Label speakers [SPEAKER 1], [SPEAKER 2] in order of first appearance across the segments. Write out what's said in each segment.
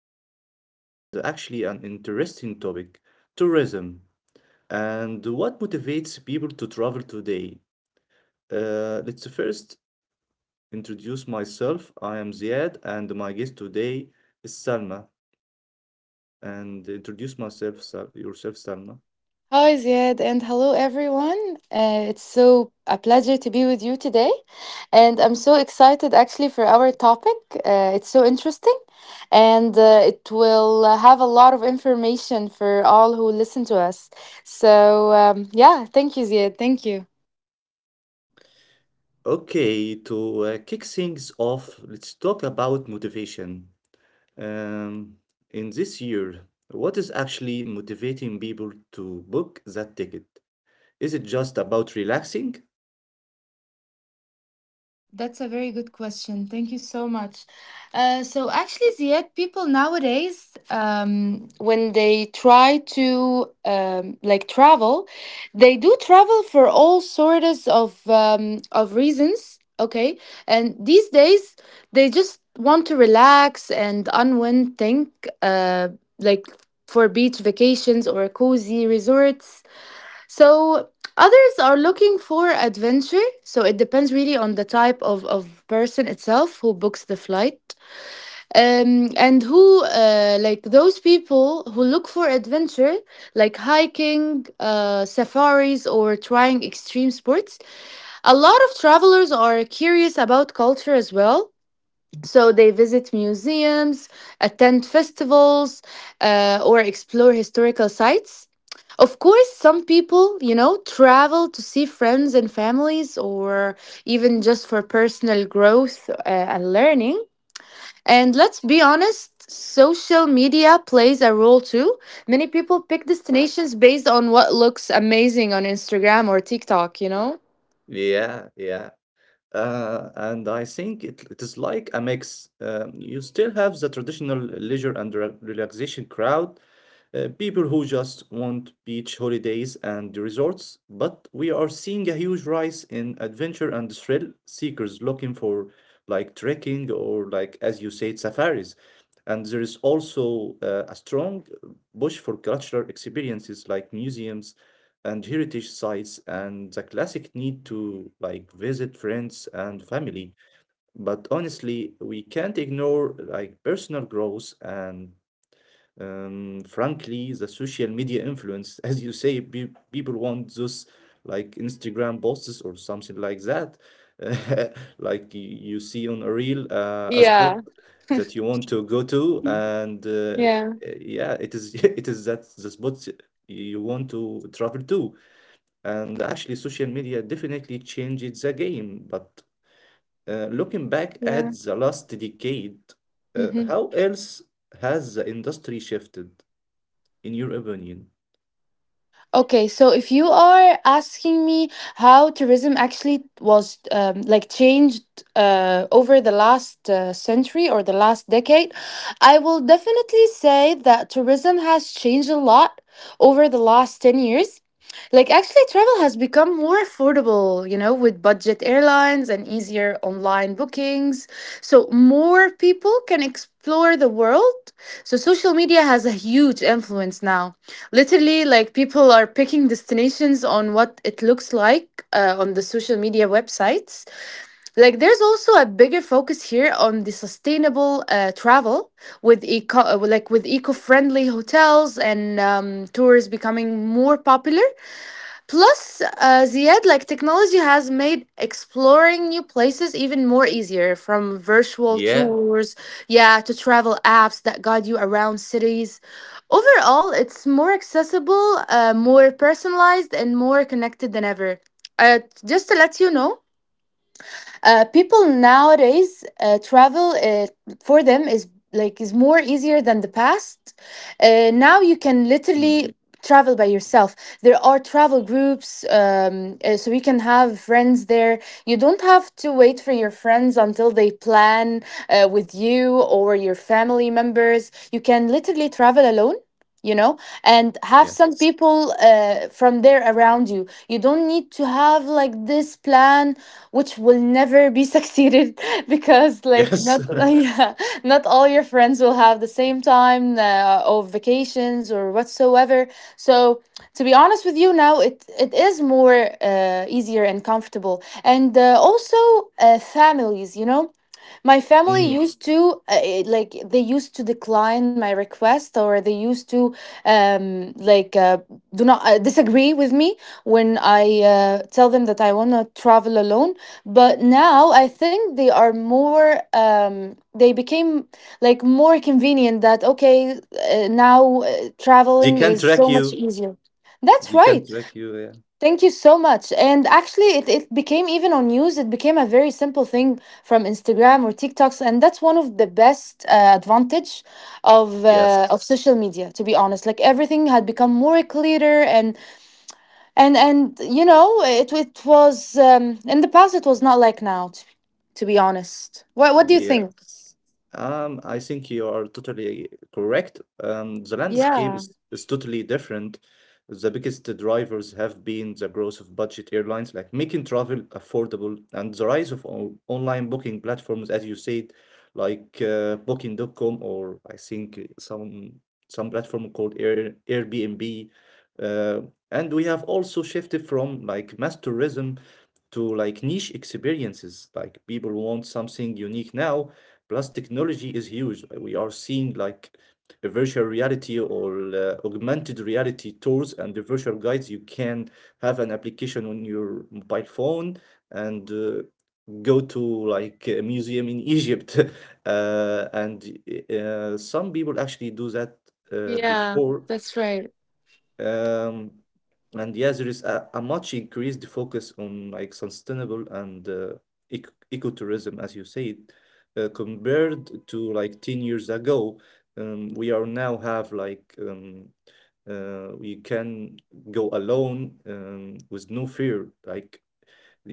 [SPEAKER 1] important topic and actually an interesting topic, tourism, and what motivates people to travel today. Let's first introduce myself. I am Ziad, and my guest today is Salma. And introduce myself, yourself, Salma.
[SPEAKER 2] Hi, Ziad, and hello, everyone. It's so a pleasure to be with you today, and I'm so excited actually for our topic. It's so interesting, and it will have a lot of information for all who listen to us. So yeah, thank you, Ziad. Thank you.
[SPEAKER 1] Okay, to kick things off, let's talk about motivation. Um, in this year, what is actually motivating people to book that ticket? Is it just about relaxing?
[SPEAKER 2] That's a very good question. Thank you so much. So actually, Ziad, people nowadays, when they try to like travel, they do travel for all sorts of reasons. Okay, and these days they just want to relax and unwind. Think uh, like for beach vacations or cozy resorts, so others are looking for adventure. So it depends really on the type of person itself who books the flight. And who, like those people who look for adventure, like hiking, safaris, or trying extreme sports. A lot of travelers are curious about culture as well. So they visit museums, attend festivals, or explore historical sites. Of course, some people, you know, travel to see friends and families or even just for personal growth and learning. And let's be honest, social media plays a role too. Many people pick destinations based on what looks amazing on Instagram or TikTok, you know?
[SPEAKER 1] Yeah, yeah. And I think it is like a mix. You still have the traditional leisure and relaxation crowd, people who just want beach holidays and resorts, but we are seeing a huge rise in adventure and thrill seekers looking for like trekking or, like as you said, safaris. And there is also a strong push for cultural experiences like museums and heritage sites, and the classic need to like visit friends and family. But honestly, we can't ignore like personal growth and, frankly, the social media influence. As you say, people want those like Instagram posts or something like that. Like you see on a reel, a spot
[SPEAKER 2] Yeah.
[SPEAKER 1] that you want to go to, and
[SPEAKER 2] Yeah.
[SPEAKER 1] yeah, it is it is that the spot you want to travel to. And actually, social media definitely changed the game. But looking back
[SPEAKER 2] Yeah.
[SPEAKER 1] at the last decade,
[SPEAKER 2] Mhm.
[SPEAKER 1] how else has the industry shifted, in your opinion?
[SPEAKER 2] Okay, so if you are asking me how tourism actually was like changed over the last century or the last decade, I will definitely say that tourism has changed a lot over the last 10 years. Like, actually, travel has become more affordable, you know, with budget airlines and easier online bookings. So more people can explore the world. So social media has a huge influence now. Literally, like, people are picking destinations on what it looks like on the social media websites. Like, there's also a bigger focus here on the sustainable travel with eco-friendly hotels and tours becoming more popular. Plus, Ziad, like technology has made exploring new places even more easier, from virtual
[SPEAKER 1] Yeah.
[SPEAKER 2] tours, yeah, to travel apps that guide you around cities. Overall, it's more accessible, more personalized, and more connected than ever. Uh, just to let you know, people nowadays travel for them is like is more easier than the past. Now you can
[SPEAKER 1] Mm,
[SPEAKER 2] literally travel by yourself. There are travel groups, so you can have friends there. You don't have to wait for your friends until they plan with you or your family members. You can literally travel alone, you know, and have some
[SPEAKER 1] yes.
[SPEAKER 2] people from there around you. You don't need to have like this plan which will never be succeeded because like
[SPEAKER 1] Yes.
[SPEAKER 2] not yeah, not all your friends will have the same time or vacations or whatsoever. So, to be honest with you, now it is more easier and comfortable, and also, families, you know, my family
[SPEAKER 1] Mm.
[SPEAKER 2] used to like they used to decline my request, or they used to um, like uh, do not disagree with me when I tell them that I want to travel alone. But now I think they are more. They became like more convenient, that okay, now
[SPEAKER 1] They
[SPEAKER 2] traveling
[SPEAKER 1] can
[SPEAKER 2] is
[SPEAKER 1] track
[SPEAKER 2] so much
[SPEAKER 1] you.
[SPEAKER 2] easier. That's
[SPEAKER 1] They can
[SPEAKER 2] right.
[SPEAKER 1] track you. Yeah.
[SPEAKER 2] Thank you so much. And actually, it became even on news, it became a very simple thing from Instagram or TikToks. And that's one of the best advantage of uh,
[SPEAKER 1] Yes.
[SPEAKER 2] of social media, to be honest. Like everything had become more clearer, and you know, it was in the past it was not like now, to be honest. What do you think?
[SPEAKER 1] Yes. I think you are totally correct. The landscape
[SPEAKER 2] Yeah.
[SPEAKER 1] is, is totally different. The biggest drivers have been the growth of budget airlines, like making travel affordable, and the rise of on online booking platforms, as you said, like Booking.com, or I think some platform called Airbnb. Uh, and we have also shifted from like mass tourism to like niche experiences. Like people want something unique now. Plus, technology is huge. Like, we are seeing like a virtual reality or augmented reality tours and the virtual guides. You can have an application on your mobile phone and go to like a museum in Egypt. And Some people actually do that
[SPEAKER 2] Yeah,
[SPEAKER 1] before,
[SPEAKER 2] that's right.
[SPEAKER 1] um, and yes, there is a much increased focus on like sustainable and ecotourism, as you said, compared to like 10 years ago. We are now have like We can go alone with no fear. Like,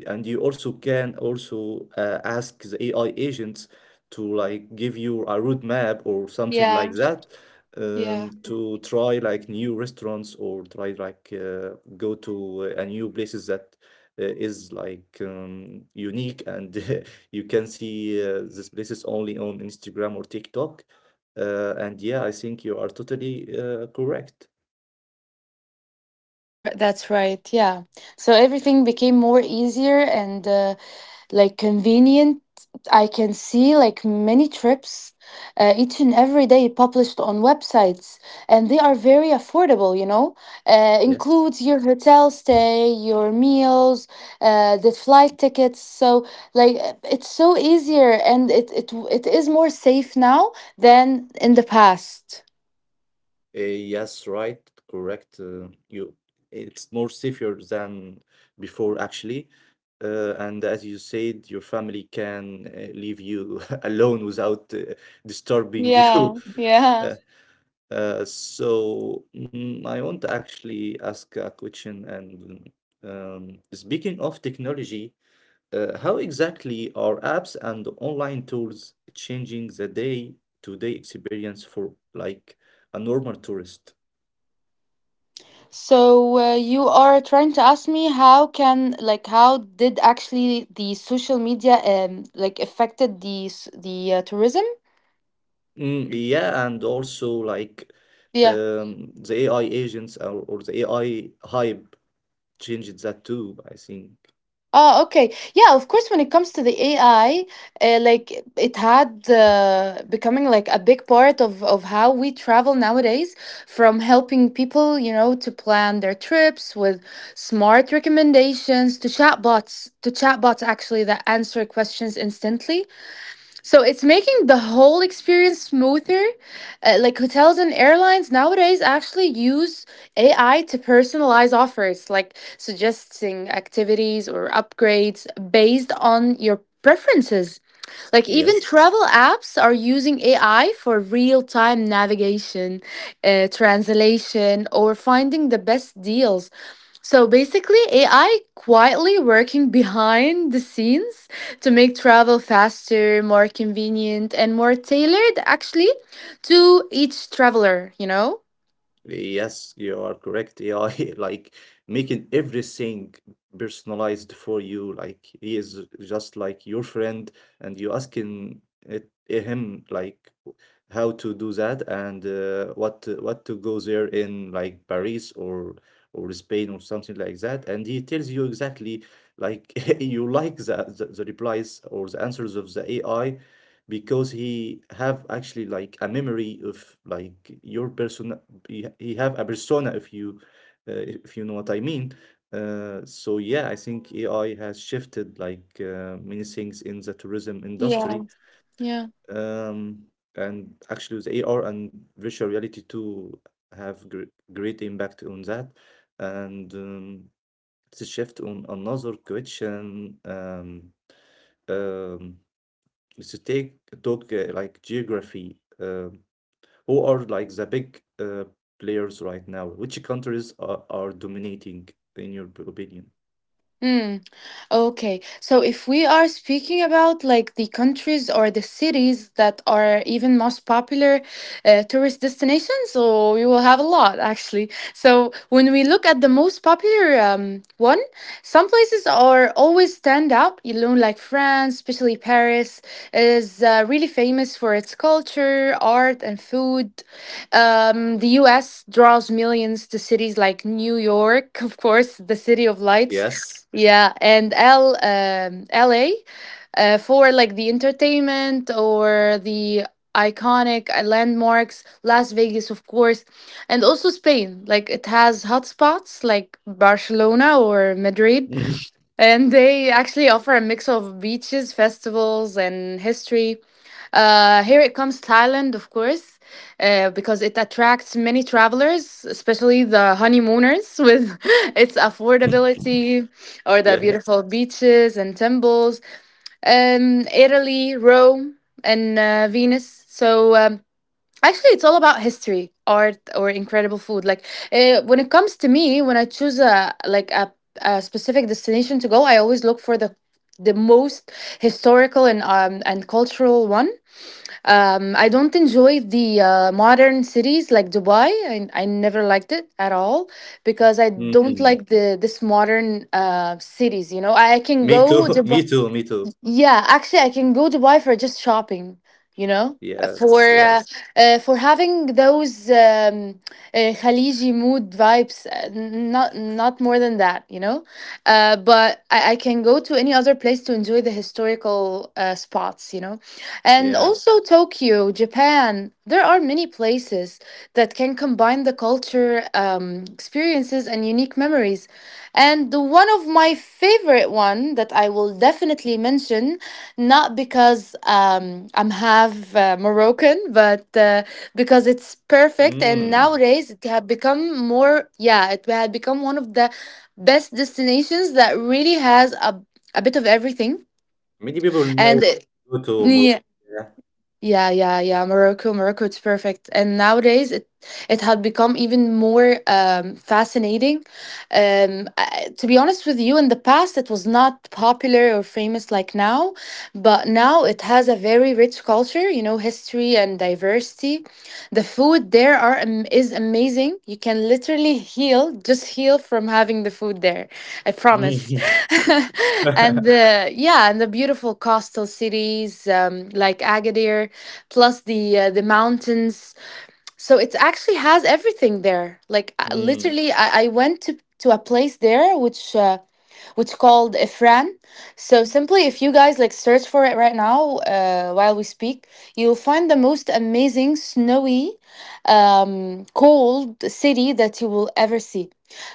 [SPEAKER 1] and you also can also ask the AI agents to like give you a roadmap or something like
[SPEAKER 2] Yeah,
[SPEAKER 1] that,
[SPEAKER 2] yeah.
[SPEAKER 1] to try like new restaurants or try like, go to a new places that is like unique, and you can see these places only on Instagram or TikTok. And yeah, I think you are totally correct.
[SPEAKER 2] Right, that's right. Yeah. So everything became more easier and like convenient. I can see like many trips each and every day published on websites, and they are very affordable, you know,
[SPEAKER 1] Yes.
[SPEAKER 2] includes your hotel stay, your meals, the flight tickets. So like it's so easier, and it is more safe now than in the past.
[SPEAKER 1] Yes, right, correct. It's more safer than before, actually. And as you said, your family can leave you alone without disturbing you.
[SPEAKER 2] Yeah, yeah.
[SPEAKER 1] Uh, I want to actually ask a question. And speaking of technology, how exactly are apps and online tools changing the day-to-day experience for like a normal tourist?
[SPEAKER 2] So you are trying to ask me how can like how did actually the social media like affected the tourism?
[SPEAKER 1] Mm, yeah, and also like
[SPEAKER 2] Yeah.
[SPEAKER 1] the AI agents, or the AI hype changed that too, I think.
[SPEAKER 2] Oh, okay. Yeah, of course. When it comes to the AI, like it had becoming like a big part of how we travel nowadays. From helping people, you know, to plan their trips with smart recommendations to chatbots actually that answer questions instantly. So it's making the whole experience smoother. Like hotels and airlines nowadays actually use AI to personalize offers, like suggesting activities or upgrades based on your preferences. Like even
[SPEAKER 1] Yes.
[SPEAKER 2] travel apps are using AI for real-time navigation, translation, or finding the best deals. So basically, AI quietly working behind the scenes to make travel faster, more convenient, and more tailored actually to each traveler, you know?
[SPEAKER 1] Yes, you are correct. AI like making everything personalized for you. Like he is just like your friend, and you asking it him like how to do that, and what to go there in like Paris or Spain or something like that, and he tells you exactly like you like the replies or the answers of the AI, because he have actually like a memory of like your person. He have a persona, if you know what I mean. So yeah, I think AI has shifted like many things in the tourism
[SPEAKER 2] Yeah.
[SPEAKER 1] industry.
[SPEAKER 2] Yeah.
[SPEAKER 1] Um, and actually the AR and virtual reality too have gr great impact on that. And to shift on another question, um, let's take talk like geography. Who are like the big players right now? Which countries are dominating in your opinion?
[SPEAKER 2] Hmm. Okay. So if we are speaking about like the countries or the cities that are even most popular tourist destinations, so we will have a lot actually. So when we look at the most popular one, some places are always stand out. You know, like France, especially Paris, is really famous for its culture, art, and food. The U.S. draws millions to cities like New York, of course, the city of lights,
[SPEAKER 1] Yes.
[SPEAKER 2] yeah, and L LA for like the entertainment or the iconic landmarks, Las Vegas, of course, and also Spain. Like it has hotspots like Barcelona or Madrid, and they actually offer a mix of beaches, festivals, and history. Here it comes Thailand, of course, because it attracts many travelers, especially the honeymooners, with its affordability or the
[SPEAKER 1] Yes.
[SPEAKER 2] beautiful beaches and temples. Italy, Rome, and Venice. So actually, it's all about history, art, or incredible food. Like when it comes to me, when I choose a specific destination to go, I always look for the most historical and cultural one. Um, I don't enjoy the modern cities like Dubai. I never liked it at all because I don't
[SPEAKER 1] Mm.
[SPEAKER 2] like the this modern cities. You know, I can
[SPEAKER 1] Me too.
[SPEAKER 2] go
[SPEAKER 1] Me
[SPEAKER 2] Dubai.
[SPEAKER 1] too. Me too.
[SPEAKER 2] Yeah, actually, I can go to Dubai for just shopping, you know.
[SPEAKER 1] Yes.
[SPEAKER 2] Uh,
[SPEAKER 1] Yes.
[SPEAKER 2] for having those um, Khaliji mood vibes. Not not more than that, you know. But I can go to any other place to enjoy the historical spots, you know, and
[SPEAKER 1] Yeah.
[SPEAKER 2] also Tokyo, Japan. There are many places that can combine the culture, um, experiences, and unique memories. And one of my favorite one that I will definitely mention, not because I'm half Moroccan, but because it's perfect. And
[SPEAKER 1] Mm.
[SPEAKER 2] nowadays it had become more, yeah, it had become one of the best destinations that really has a bit of everything.
[SPEAKER 1] Many people now
[SPEAKER 2] And it,
[SPEAKER 1] go to Morocco.
[SPEAKER 2] yeah,
[SPEAKER 1] Yeah.
[SPEAKER 2] yeah. Morocco, Morocco, it's perfect. And nowadays, it had become even more fascinating. To be honest with you, in the past, it was not popular or famous like now, but now it has a very rich culture, you know, history and diversity. The food there is amazing. You can literally heal, just heal from having the food there. I promise.
[SPEAKER 1] Mm.
[SPEAKER 2] And yeah, and the beautiful coastal cities like Agadir, plus the mountains. So it actually has everything there. Like
[SPEAKER 1] Mm.
[SPEAKER 2] literally, I went to a place there which called Ifran. So simply, if you guys like search for it right now while we speak, you'll find the most amazing snowy, cold city that you will ever see.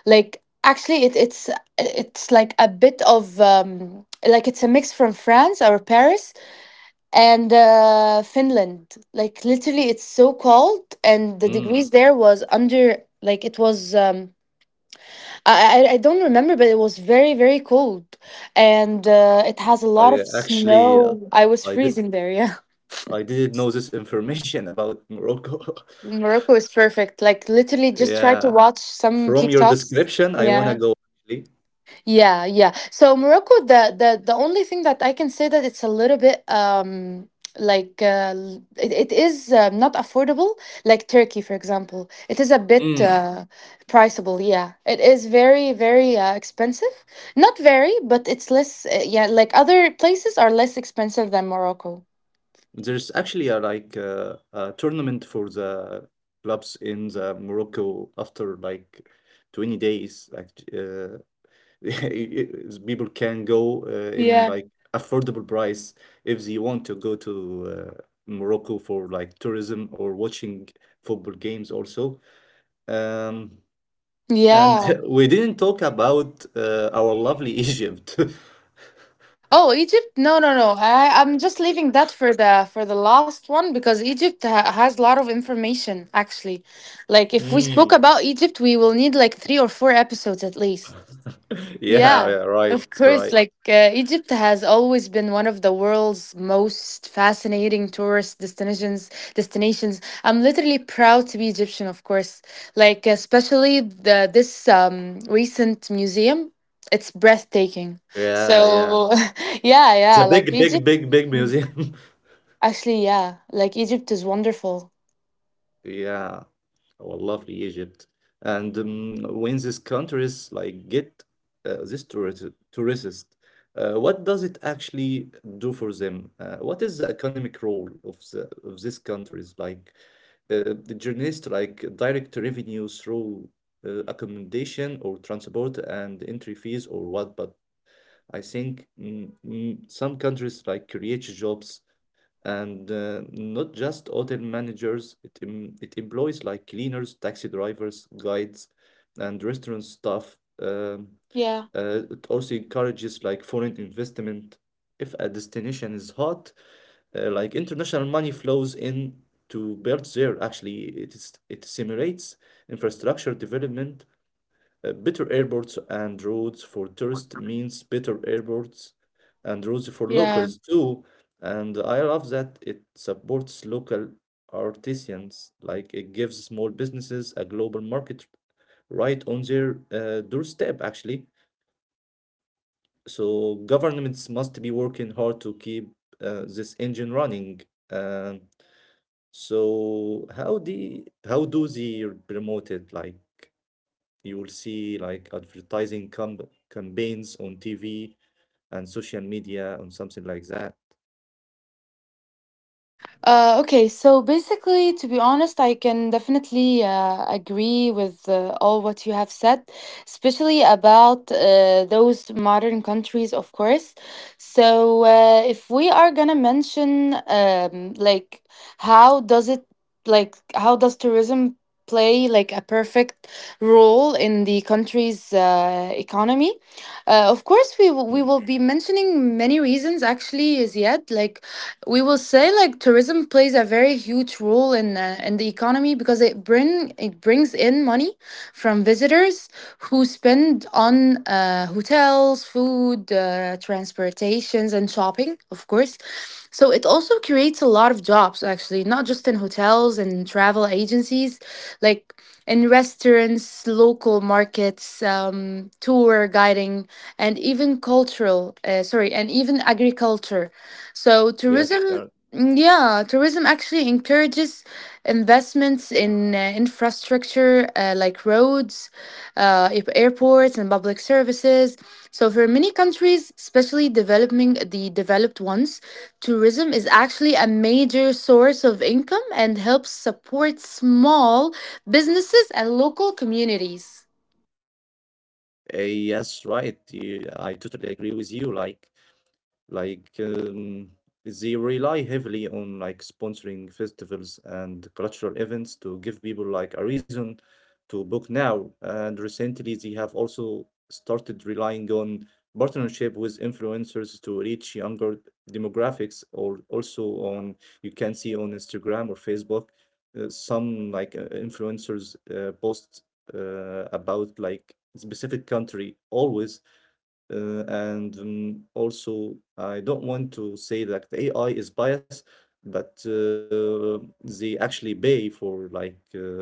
[SPEAKER 2] Like actually, it's like a bit of it's a mix from France or Paris and Finland. Like literally, it's so cold, and the
[SPEAKER 1] Mm.
[SPEAKER 2] degrees there was under like it was. I don't remember, but it was very very cold, and it has a lot
[SPEAKER 1] I uh,
[SPEAKER 2] of
[SPEAKER 1] actually uh,
[SPEAKER 2] snow. I was
[SPEAKER 1] I did
[SPEAKER 2] freezing there. Yeah.
[SPEAKER 1] I didn't know this information about Morocco.
[SPEAKER 2] Morocco is perfect. Like literally, just try
[SPEAKER 1] Yeah.
[SPEAKER 2] to watch some
[SPEAKER 1] From your
[SPEAKER 2] TikToks.
[SPEAKER 1] description, I wanna
[SPEAKER 2] Yeah,
[SPEAKER 1] go actually.
[SPEAKER 2] yeah, yeah. So Morocco, the only thing that I can say that it's a little bit it is not affordable like Turkey, for example. It is a bit
[SPEAKER 1] Mm.
[SPEAKER 2] priceable, yeah, it is very very expensive. Not very, but it's less yeah, like other places are less expensive than Morocco.
[SPEAKER 1] There's actually a like a tournament for the clubs in the Morocco after like 20 days. Like people can go
[SPEAKER 2] Yeah.
[SPEAKER 1] in like affordable price if they want to go to Morocco for like tourism or watching football games also. Um, and
[SPEAKER 2] Yeah.
[SPEAKER 1] we didn't talk about our lovely Egypt.
[SPEAKER 2] Oh, Egypt? No, no, no. I'm just leaving that for the last one because Egypt has a lot of information actually. Like if we spoke
[SPEAKER 1] Mm.
[SPEAKER 2] about Egypt, we will need like three or four episodes at least.
[SPEAKER 1] Yeah,
[SPEAKER 2] Yeah,
[SPEAKER 1] yeah, right,
[SPEAKER 2] of course.
[SPEAKER 1] right.
[SPEAKER 2] Like Egypt has always been one of the world's most fascinating tourist destinations. I'm literally proud to be Egyptian, of course. Like especially the this recent museum. It's breathtaking.
[SPEAKER 1] Yeah, yeah.
[SPEAKER 2] So yeah,
[SPEAKER 1] It's
[SPEAKER 2] yeah.
[SPEAKER 1] a
[SPEAKER 2] Like
[SPEAKER 1] big, big,
[SPEAKER 2] Egypt.
[SPEAKER 1] big, big
[SPEAKER 2] mm,
[SPEAKER 1] museum.
[SPEAKER 2] Actually, yeah. Like Egypt is wonderful.
[SPEAKER 1] Yeah, I lovely Egypt. And when these countries like get this tourist, what does it actually do for them? What is the economic role of these countries? Like the journalists, like direct revenue through accommodation or transport and entry fees or what? But I think some countries like create jobs and not just hotel managers. It employs like cleaners, taxi drivers, guides, and restaurant staff. um,
[SPEAKER 2] Yeah.
[SPEAKER 1] it also encourages like foreign investment. If a destination is hot, like international money flows in to build there. Actually, it is, it stimulates infrastructure development. Better airports and roads for tourists means better airports and roads for
[SPEAKER 2] Yeah.
[SPEAKER 1] locals too. And I love that it supports local artisans, like it gives small businesses a global market right on their doorstep, actually. So governments must be working hard to keep this engine running. Um, so how do they promote it? Like you will see like advertising campaigns on TV and social media and something like that.
[SPEAKER 2] Okay, so basically, to be honest, I can definitely agree with all what you have said, especially about those modern countries, of course. So, if we are gonna mention, like, how does it, like, how does tourism play like a perfect role in the country's economy? Of course, we will-
[SPEAKER 1] Mm.
[SPEAKER 2] we will be mentioning many reasons actually, Ziad. Like we will say like tourism plays a very huge role in in the economy because it brings in money from visitors who spend on hotels, food, transportations, and shopping, of course. So it also creates a lot of jobs actually, not just in hotels and travel agencies, like in restaurants, local markets, tour guiding, and even cultural. Sorry, and even agriculture. So
[SPEAKER 1] Yes, sir.
[SPEAKER 2] tourism actually encourages investments in infrastructure like roads, airports, and public services. So for many countries, especially developing the developed ones, tourism is actually a major source of income and helps support small businesses and local communities.
[SPEAKER 1] Yes, right. You, I totally agree with you. Like, um, they rely heavily on like sponsoring festivals and cultural events to give people like a reason to book now. And recently, they have also started relying on partnership with influencers to reach younger demographics, or also on, you can see on Instagram or Facebook, some like influencers post about like specific country always, and also, I don't want to say that the AI is biased, but they actually pay for like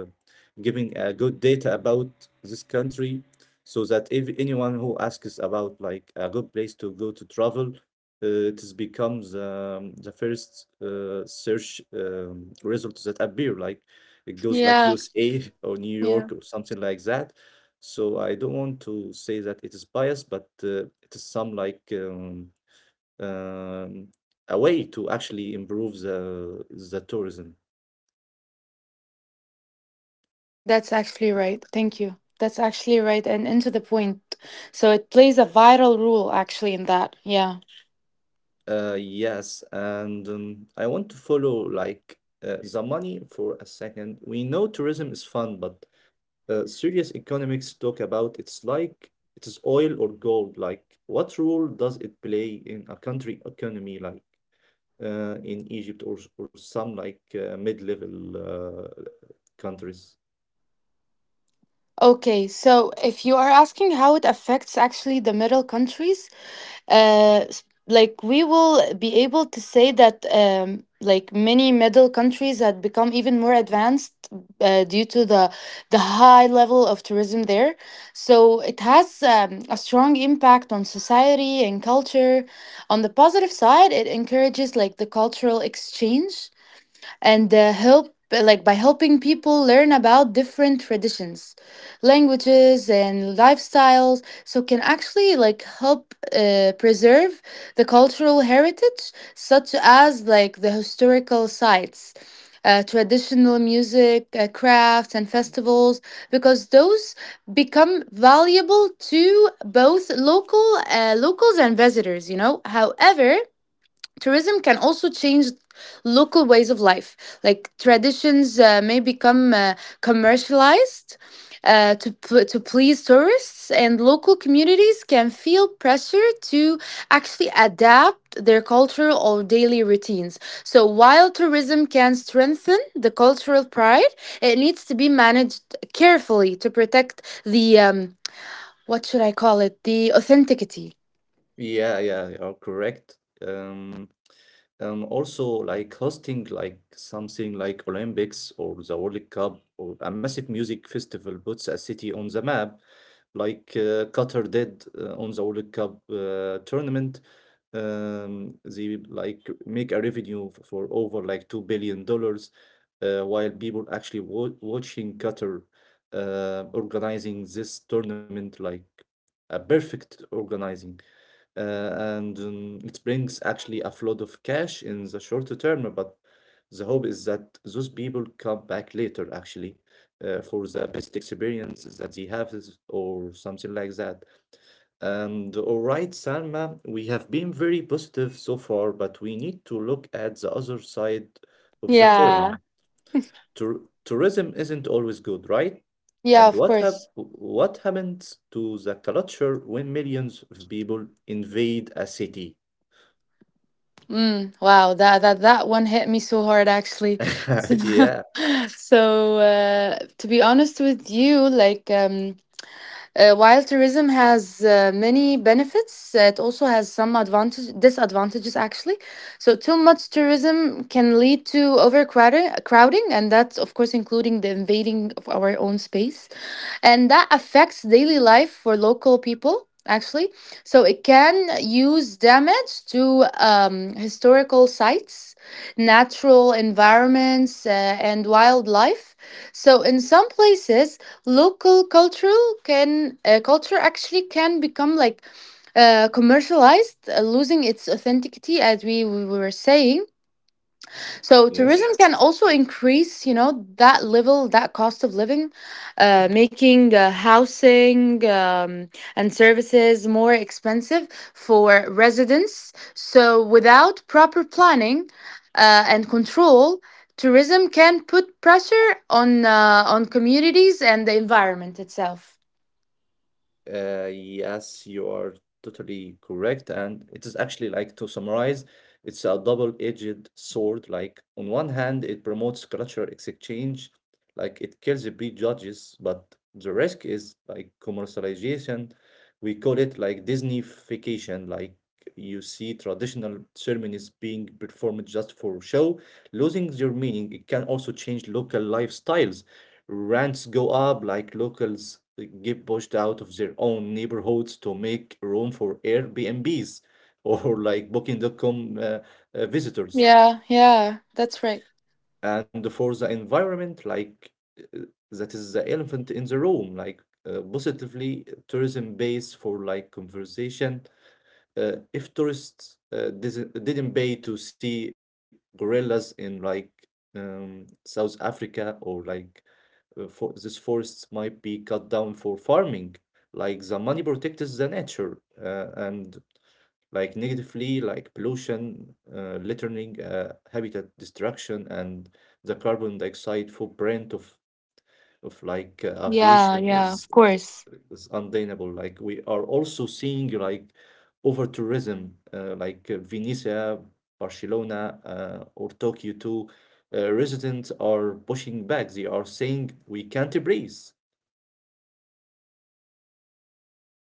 [SPEAKER 1] giving good data about this country, so that if anyone who asks about like a good place to go to travel, it has become the first search results that appear. Like it goes like
[SPEAKER 2] Yeah.
[SPEAKER 1] USA or New
[SPEAKER 2] Yeah.
[SPEAKER 1] York or something like that. So I don't want to say that it is biased, but it is some like um, a way to actually improve the tourism.
[SPEAKER 2] That's actually right. Thank you. That's actually right and into the point. So it plays a vital role actually in that. Yeah.
[SPEAKER 1] Yes, and I want to follow like the money for a second. We know tourism is fun, but serious economics talk about it's like it is oil or gold. Like what role does it play in a country economy? Like in Egypt or some like mid-level countries.
[SPEAKER 2] Okay, so if you are asking how it affects actually the middle countries, like we will be able to say that like many middle countries had become even more advanced due to the high level of tourism there. So it has a strong impact on society and culture. On the positive side, it encourages like the cultural exchange and help like by helping people learn about different traditions, languages and lifestyles, so can actually like help preserve the cultural heritage, such as like the historical sites, traditional music, crafts and festivals, because those become valuable to both locals and visitors, you know. However, tourism can also change local ways of life. Like traditions may become commercialized to, to please tourists, and local communities can feel pressure to actually adapt their cultural or daily routines. So while tourism can strengthen the cultural pride, it needs to be managed carefully to protect the what should I call it? The authenticity.
[SPEAKER 1] Yeah, yeah, you are correct. Also, like hosting like something like Olympics or the World Cup or a massive music festival puts a city on the map, like Qatar did on the World Cup tournament. They like make a revenue for over like $2 billion, while people actually watching Qatar organizing this tournament like a perfect organizing. And it brings actually a flood of cash in the short term. But the hope is that those people come back later, actually, for the best experiences that they have or something like that. And all right, Salma, we have been very positive so far, but we need to look at the other side of the coin.
[SPEAKER 2] Yeah.
[SPEAKER 1] Tourism isn't always good, right?
[SPEAKER 2] Yeah,
[SPEAKER 1] And
[SPEAKER 2] of course.
[SPEAKER 1] what happens to the culture when millions of people invade a city?
[SPEAKER 2] Mm, wow, that that one hit me so hard actually. So,
[SPEAKER 1] Yeah.
[SPEAKER 2] so to be honest with you, like while tourism has many benefits, it also has some advantage disadvantages actually. So too much tourism can lead to crowding, and that's of course including the invading of our own space, and that affects daily life for local people actually. So it can use damage to historical sites, natural environments, and wildlife. So in some places local cultural can culture actually can become like commercialized, losing its authenticity, as we were saying. So
[SPEAKER 1] Yes.
[SPEAKER 2] tourism can also increase, you know, that level, that cost of living, making housing and services more expensive for residents. So without proper planning and control, tourism can put pressure on communities and the environment itself.
[SPEAKER 1] Yes, you are totally correct. And it is actually, like to summarize, it's a double-edged sword. Like on one hand, it promotes cultural exchange, like it kills prejudges, but the risk is like commercialization. We call it like Disneyfication, like you see traditional ceremonies being performed just for show, losing their meaning. It can also change local lifestyles. Rents go up like locals get pushed out of their own neighborhoods to make room for Airbnbs or like Booking.com visitors.
[SPEAKER 2] Yeah, yeah, that's right.
[SPEAKER 1] And for the environment, uh, that is the elephant in the room, positively tourism base for like conversation. If tourists didn't pay to see gorillas in South Africa or for these forests might be cut down for farming. Like the money protects the nature and like negatively, like pollution, littering, habitat destruction, and the carbon dioxide footprint of
[SPEAKER 2] Yeah,
[SPEAKER 1] aviation
[SPEAKER 2] yeah,
[SPEAKER 1] is
[SPEAKER 2] of course.
[SPEAKER 1] is undeniable. Like we are also seeing like over tourism, Venice, Barcelona, or Tokyo too. Residents are pushing back. They are saying we can't breathe.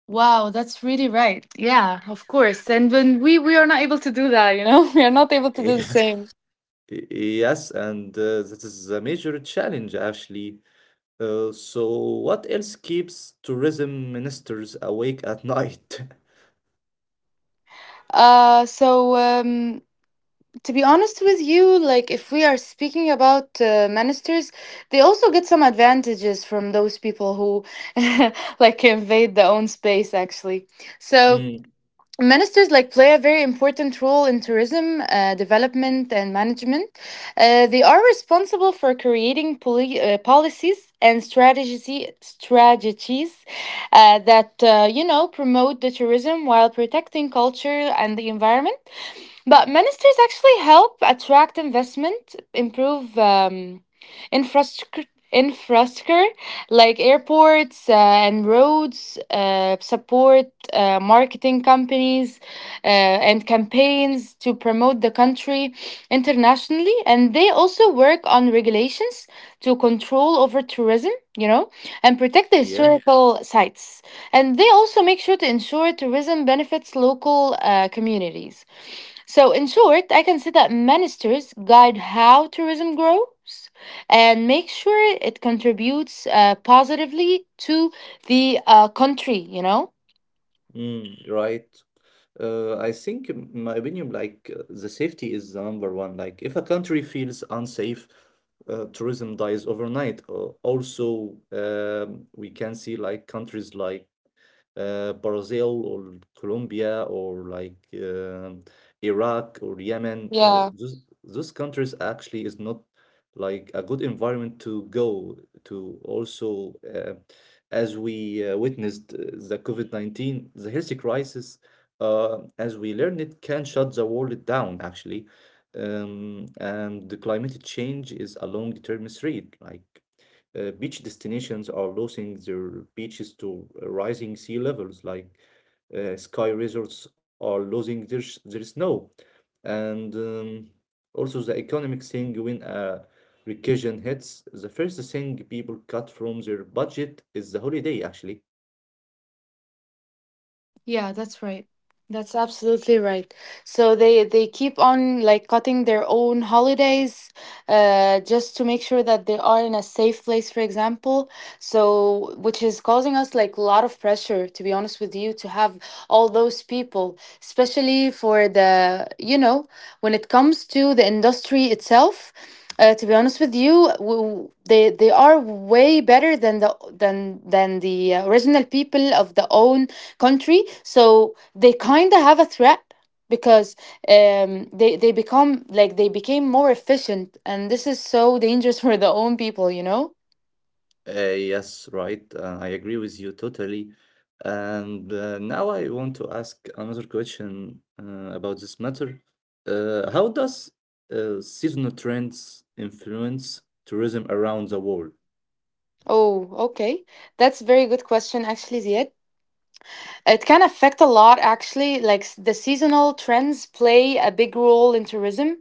[SPEAKER 2] Wow, that's really right. Yeah, of course. And when we are not able to do that, you know, we are not able to do the
[SPEAKER 1] Yeah.
[SPEAKER 2] same.
[SPEAKER 1] Yes, and that is a major challenge, actually. Uh, so, what else keeps tourism ministers awake at night?
[SPEAKER 2] So to be honest with you, like if we are speaking about ministers, they also get some advantages from those people who like invade their own space, actually. So
[SPEAKER 1] Mm,
[SPEAKER 2] ministers like play a very important role in tourism development and management. They are responsible for creating policies and strategies that you know promote the tourism while protecting culture and the environment. But ministers actually help attract investment, improve infrastructure like airports and roads, support marketing companies and campaigns to promote the country internationally. And they also work on regulations to control over tourism, you know, and protect the
[SPEAKER 1] yeah,
[SPEAKER 2] historical sites. And they also make sure to ensure tourism benefits local communities. So, in short, I can say that ministers guide how tourism grows and make sure it contributes positively to the country, you know?
[SPEAKER 1] right. I think, in my opinion, the safety is the number one. Like, if a country feels unsafe, tourism dies overnight. Also, we can see like countries like Brazil or Colombia or Iraq or Yemen.
[SPEAKER 2] Yeah.
[SPEAKER 1] Those countries actually is not like a good environment to go to. Also, as we witnessed the COVID-19, the health crisis, as we learned it, can shut the world down actually. And the climate change is a long-term threat. Beach destinations are losing their beaches to rising sea levels, ski resorts are losing their snow. And Also, the economic thing when a recession hits, the first thing people cut from their budget is the holiday, actually.
[SPEAKER 2] Yeah, that's right. That's absolutely right. So they keep on like cutting their own holidays just to make sure that they are in a safe place, for example. So which is causing us like a lot of pressure, to be honest with you, to have all those people, especially for the, you know, when it comes to the industry itself. To be honest with you, they are way better than the original people of the own country, so they kind of have a threat, because they become like they became more efficient, and this is so dangerous for the own people, you know.
[SPEAKER 1] Yes, right. I agree with you totally. And now I want to ask another question about this matter. How does seasonal trends influence tourism around the world?
[SPEAKER 2] Oh, okay, that's a very good question actually, Ziad. It can affect a lot, actually. The seasonal trends play a big role in tourism.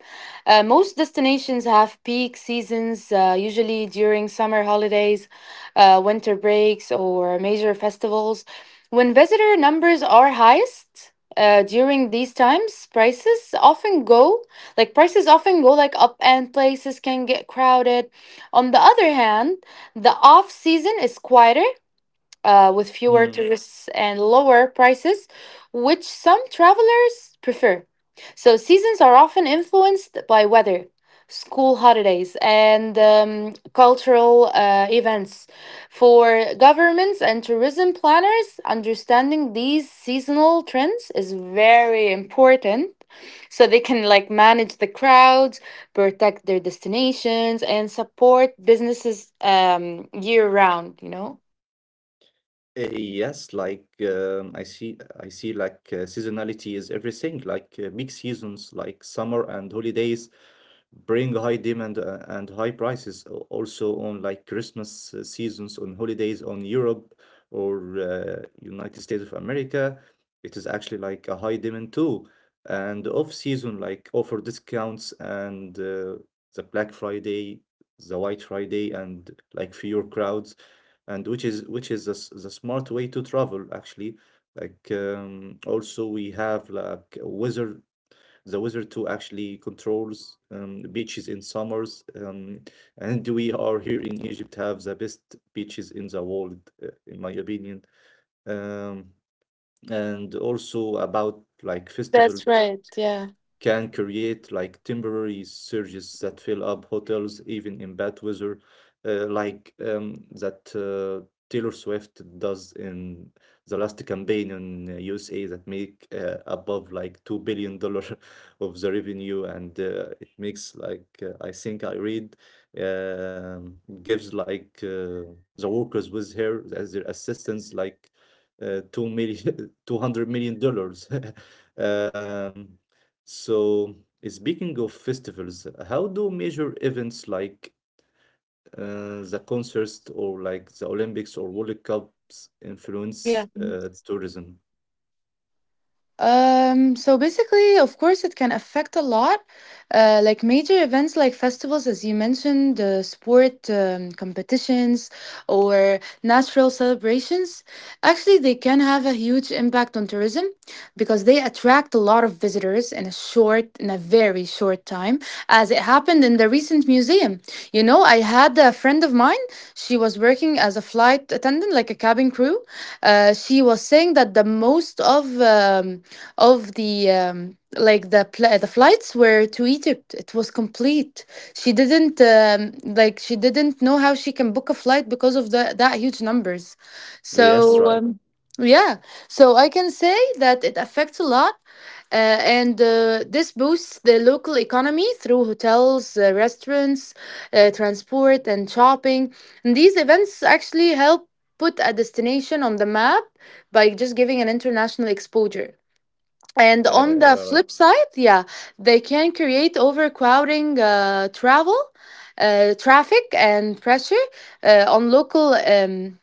[SPEAKER 2] Most destinations have peak seasons, usually during summer holidays, winter breaks, or major festivals, when visitor numbers are highest. During these times, prices often go like up, and places can get crowded. On the other hand, the off season is quieter with fewer tourists and lower prices, which some travelers prefer. So, seasons are often influenced by weather, school holidays, and cultural events. For governments and tourism planners, understanding these seasonal trends is very important, so they can like manage the crowds, protect their destinations and support businesses year round, you know.
[SPEAKER 1] Yes, I see seasonality is everything, big seasons like summer and holidays bring high demand and high prices also on like Christmas seasons on holidays on Europe or United States of America. It is actually like a high demand too. And off season like offer discounts and the Black Friday, the White Friday and like fewer crowds and which is the, s- the smart way to travel actually also we have like a weather too actually controls beaches in summers, and we are here in Egypt have the best beaches in the world in my opinion, um, and also about like festivals
[SPEAKER 2] That's right. Yeah.
[SPEAKER 1] can create like temporary surges that fill up hotels even in bad weather, that Taylor Swift does in the last campaign in USA that make above like 2 billion dollar of the revenue, and it makes I think I read, um, gives the workers with her as their assistants 2 million $200 million. um, so, Speaking of festivals, how do major events like the concerts or like the Olympics or World Cups
[SPEAKER 2] Yeah.
[SPEAKER 1] influence tourism?
[SPEAKER 2] So basically, of course, it can affect a lot. Like major events like festivals, as you mentioned, sport competitions or natural celebrations, actually, they can have a huge impact on tourism because they attract a lot of visitors in a short, in a very short time, as it happened in the recent museum. You know, I had a friend of mine, she was working as a flight attendant, like a cabin crew. She was saying that the most of the like the flights were to Egypt. It was complete. She didn't she didn't know how she can book a flight because of the that huge numbers.
[SPEAKER 1] Yes,
[SPEAKER 2] So
[SPEAKER 1] right.
[SPEAKER 2] um, yeah, so I can say that it affects a lot. Uh, and this boosts the local economy through hotels, restaurants, transport, and shopping. And these events actually help put a destination on the map by just giving an international exposure. And on the
[SPEAKER 1] Uh, right.
[SPEAKER 2] flip side, yeah, they can create overcrowding, travel, traffic, and pressure on local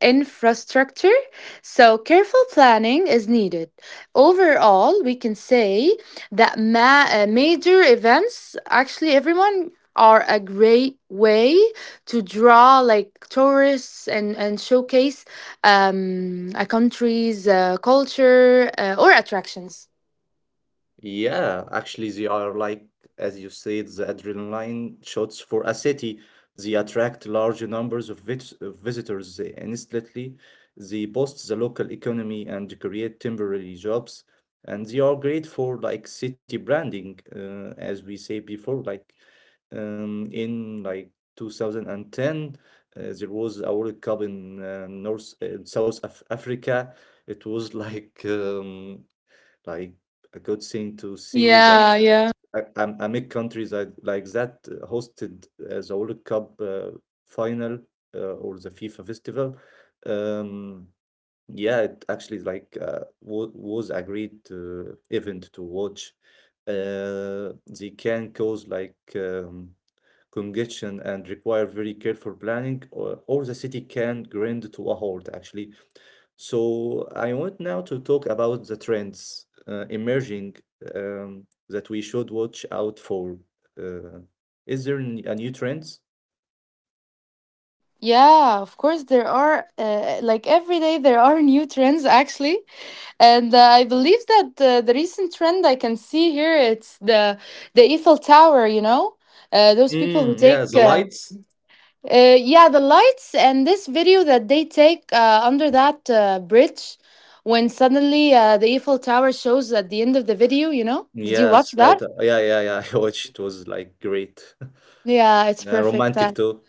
[SPEAKER 2] infrastructure. So, careful planning is needed. Overall, we can say that major events, actually, everyone are a great way to draw like tourists and showcase a country's culture or attractions.
[SPEAKER 1] Yeah, actually, they are like, as you said, the adrenaline shots for a city. They attract large numbers of of visitors they instantly. They boost the local economy and create temporary jobs. And they are great for like city branding, as we say before. Like in like 2010, there was a World Cup in North South Af Africa. It was like a good thing to see that
[SPEAKER 2] Yeah, yeah.
[SPEAKER 1] I, I'm a that like that hosted the World Cup final or the FIFA festival. Um, yeah, it actually wa was agreed event to watch. Uh, they can cause congestion and require very careful planning, or the city can grind to a halt actually. So I want now to talk about the trends emerging, that we should watch out for. Uh, is there a new trends?
[SPEAKER 2] Yeah, of course, there are, like every day, there are new trends actually. And I believe that the recent trend I can see here, it's the Eiffel Tower. You know, those people who take
[SPEAKER 1] Yeah, the lights.
[SPEAKER 2] yeah the lights, and this video that they take under that bridge when suddenly the Eiffel Tower shows at the end of the video. You know, did you watch
[SPEAKER 1] Yes, right.
[SPEAKER 2] that?
[SPEAKER 1] Yeah, yeah, yeah. I watched. It was like great.
[SPEAKER 2] Yeah, it's
[SPEAKER 1] Yeah,
[SPEAKER 2] perfect.
[SPEAKER 1] romantic
[SPEAKER 2] That
[SPEAKER 1] too.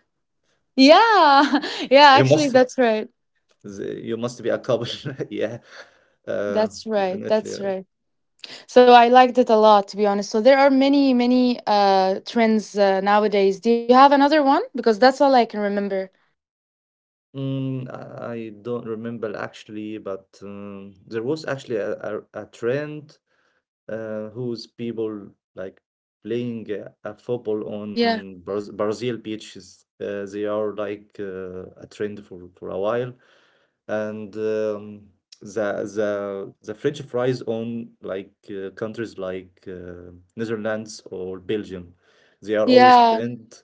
[SPEAKER 2] yeah, yeah.
[SPEAKER 1] You
[SPEAKER 2] Actually,
[SPEAKER 1] must,
[SPEAKER 2] that's right.
[SPEAKER 1] you must be a couple. Yeah, uh,
[SPEAKER 2] That's right.
[SPEAKER 1] definitely.
[SPEAKER 2] That's
[SPEAKER 1] Right.
[SPEAKER 2] right. So I liked it a lot, to be honest. So there are many, many trends nowadays. Do you have another one? Because that's all I can remember.
[SPEAKER 1] I don't remember actually, but there was actually a trend whose people like playing a football
[SPEAKER 2] Yeah.
[SPEAKER 1] on Brazil beaches. They are like a trend for a while, and the French fries on like countries like Netherlands or Belgium, they are always
[SPEAKER 2] Yeah.
[SPEAKER 1] trend,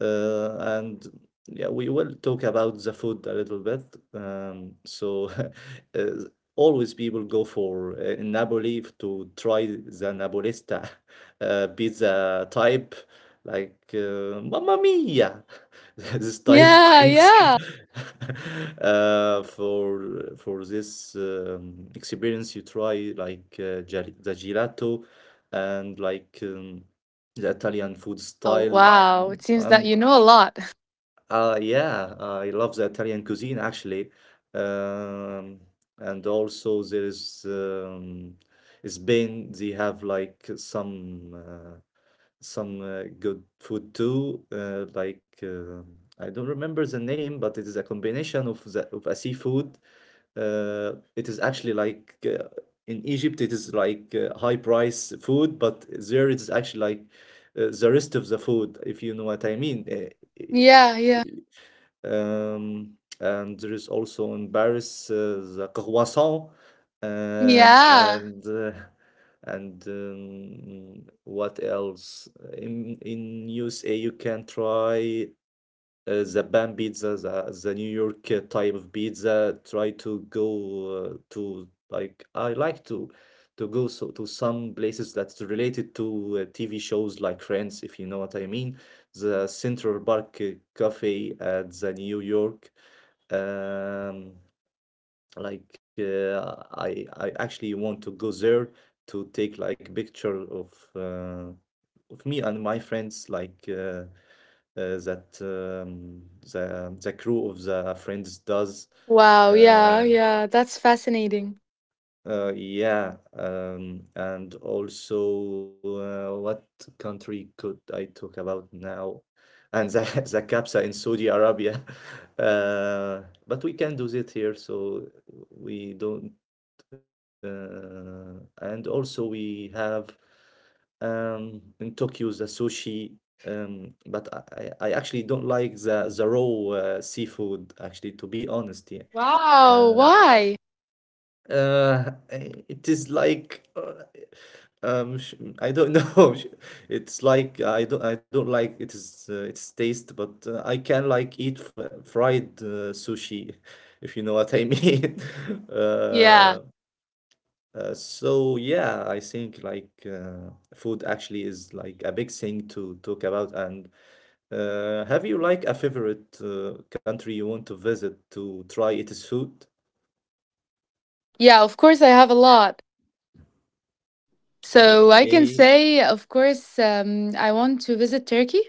[SPEAKER 1] and yeah, we will talk about the food a little bit. So uh, Always people go for in Napoli to try the Napolista pizza type, Mamma Mia, this type of
[SPEAKER 2] Yeah.
[SPEAKER 1] things.
[SPEAKER 2] Yeah.
[SPEAKER 1] For this experience, you try the gelato and the Italian food
[SPEAKER 2] Wow.
[SPEAKER 1] style.
[SPEAKER 2] Wow.
[SPEAKER 1] Mm,
[SPEAKER 2] It seems that
[SPEAKER 1] Um,
[SPEAKER 2] you know a lot.
[SPEAKER 1] yeah, I love the Italian cuisine actually. Um, and also there is, Spain, they have like some good food too. I don't remember the name, but it is a combination of the of a seafood. It is actually in Egypt, it is high price food, but there it is actually the rest of the food, if you know what I mean.
[SPEAKER 2] Yeah. Yeah.
[SPEAKER 1] And there is also in Paris the croissant, uh,
[SPEAKER 2] Yeah.
[SPEAKER 1] and uh, and what else? In USA you can try the pan pizza, the New York type of pizza. Try to go to like I like to go to some places that's related to TV shows like Friends, if you know what I mean. The Central Park Cafe at the New York. Um, I actually want to go there to take like picture of. With me and my friends, like that the crew of the friends does.
[SPEAKER 2] Wow. Yeah.
[SPEAKER 1] Uh,
[SPEAKER 2] Yeah. That's fascinating.
[SPEAKER 1] yeah, and also what country could I talk about now? And the the capsa in Saudi Arabia, uh, but we can do it here, so we don't. And also we have, in Tokyo the sushi, but I actually don't like the raw seafood. Actually, to be honest, yeah.
[SPEAKER 2] Wow.
[SPEAKER 1] Uh,
[SPEAKER 2] Why?
[SPEAKER 1] uh, it is um, sh- I don't know. It's like I don't like it is its taste, but I can like eat f fried sushi, if you know what I mean.
[SPEAKER 2] Yeah.
[SPEAKER 1] Uh, so yeah, I think food actually is like a big thing to talk about. And have you like a favorite country you want to visit to try its food?
[SPEAKER 2] Yeah. Of course, I have a lot. So I can
[SPEAKER 1] Okay.
[SPEAKER 2] say, of course, I want to visit Turkey,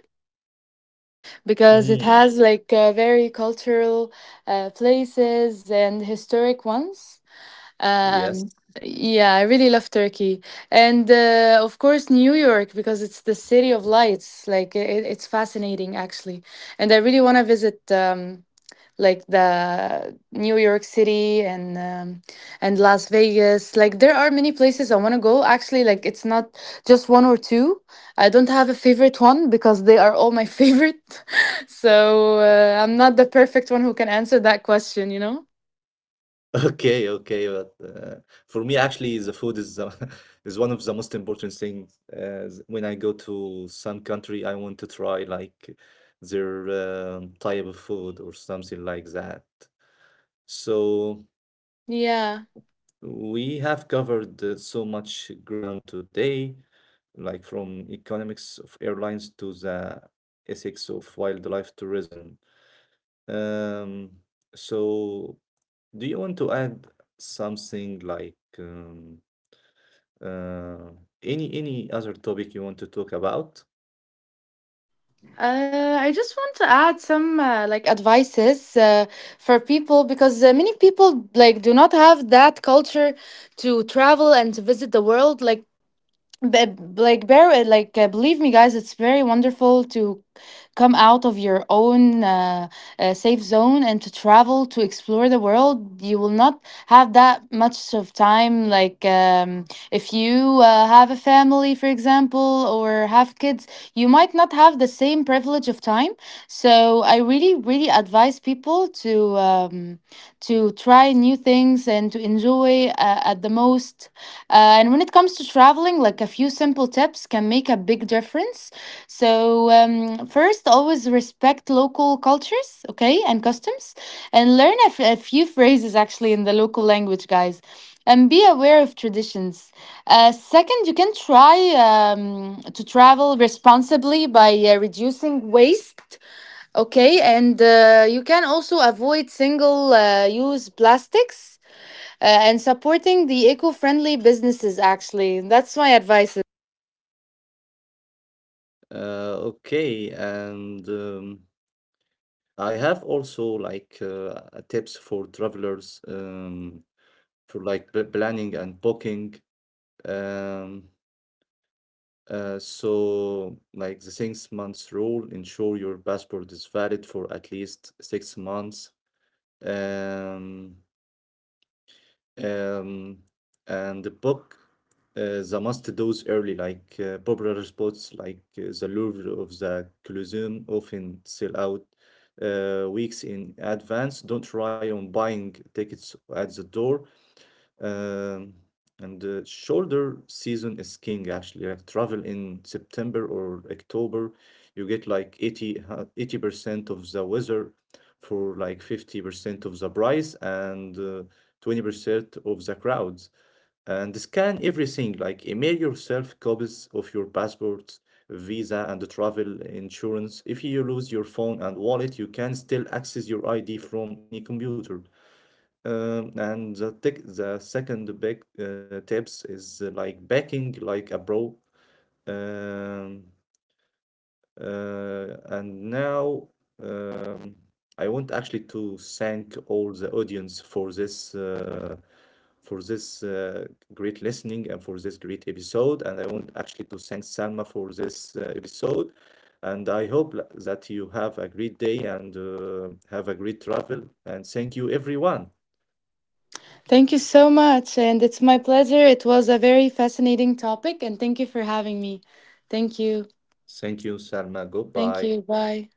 [SPEAKER 2] because it
[SPEAKER 1] Mm,
[SPEAKER 2] has like very cultural places and historic ones.
[SPEAKER 1] yes.
[SPEAKER 2] Um, yeah, I really love Turkey, and of course New York, because it's the city of lights. Like it's fascinating actually, and I really want to visit. Like the New York City and Las Vegas. Like there are many places I want to go. Actually, like it's not just one or two. I don't have a favorite one because they are all my favorite. So I'm not the perfect one who can answer that question. You know.
[SPEAKER 1] Okay, okay. But for me, actually, the food is is one of the most important things. When I go to some country, I want to try like their type of food or something like that. So.
[SPEAKER 2] Yeah.
[SPEAKER 1] We have covered so much ground today, like from economics of airlines to the ethics of wildlife tourism. Um, so, do you want to add something uh, any other topic you want to talk about?
[SPEAKER 2] I just want to add some like advices for people, because many people like do not have that culture to travel and to visit the world. Like but like bear like believe me guys, it's very wonderful to come out of your own safe zone and to travel, to explore the world. You will not have that much of time, like if you have a family, for example, or have kids, you might not have the same privilege of time. So I really really advise people to try new things and to enjoy at the most. And when it comes to traveling, like a few simple tips can make a big difference. So, first, always respect local cultures, okay, and customs, and learn a few phrases actually in the local language, guys, and be aware of traditions. Second, you can try to travel responsibly by reducing waste, okay, and you can also avoid single use plastics. And supporting the eco-friendly businesses actually. That's my advice.
[SPEAKER 1] Okay, and I have also tips for travelers, for like planning and booking. Um, like the 6 months rule, ensure your passport is valid for at least 6 months. Um, um, and the book, the must do's early, like popular spots like the Louvre of the Colosseum often sell out weeks in advance. Don't rely on buying tickets at the door. Um, and the shoulder season is king actually. Like travel in September or October, you get like 80% of the weather for like 50% of the price and 20% of the crowds. And scan everything, like email yourself copies of your passports, visa, and the travel insurance. If you lose your phone and wallet, you can still access your ID from any computer. And the tech, the second big tips is like backing like a pro. Um, and now, um, I want actually to thank all the audience for this for this uh, great listening and for this great episode. And I want actually to thank Salma for this episode. And I hope that you have a great day and have a great travel. And thank you, everyone.
[SPEAKER 3] Thank you so much. And it's my pleasure. It was a very fascinating topic. And thank you for having me. Thank you.
[SPEAKER 1] Thank you, Salma.
[SPEAKER 3] Thank
[SPEAKER 1] Goodbye.
[SPEAKER 3] you. Bye.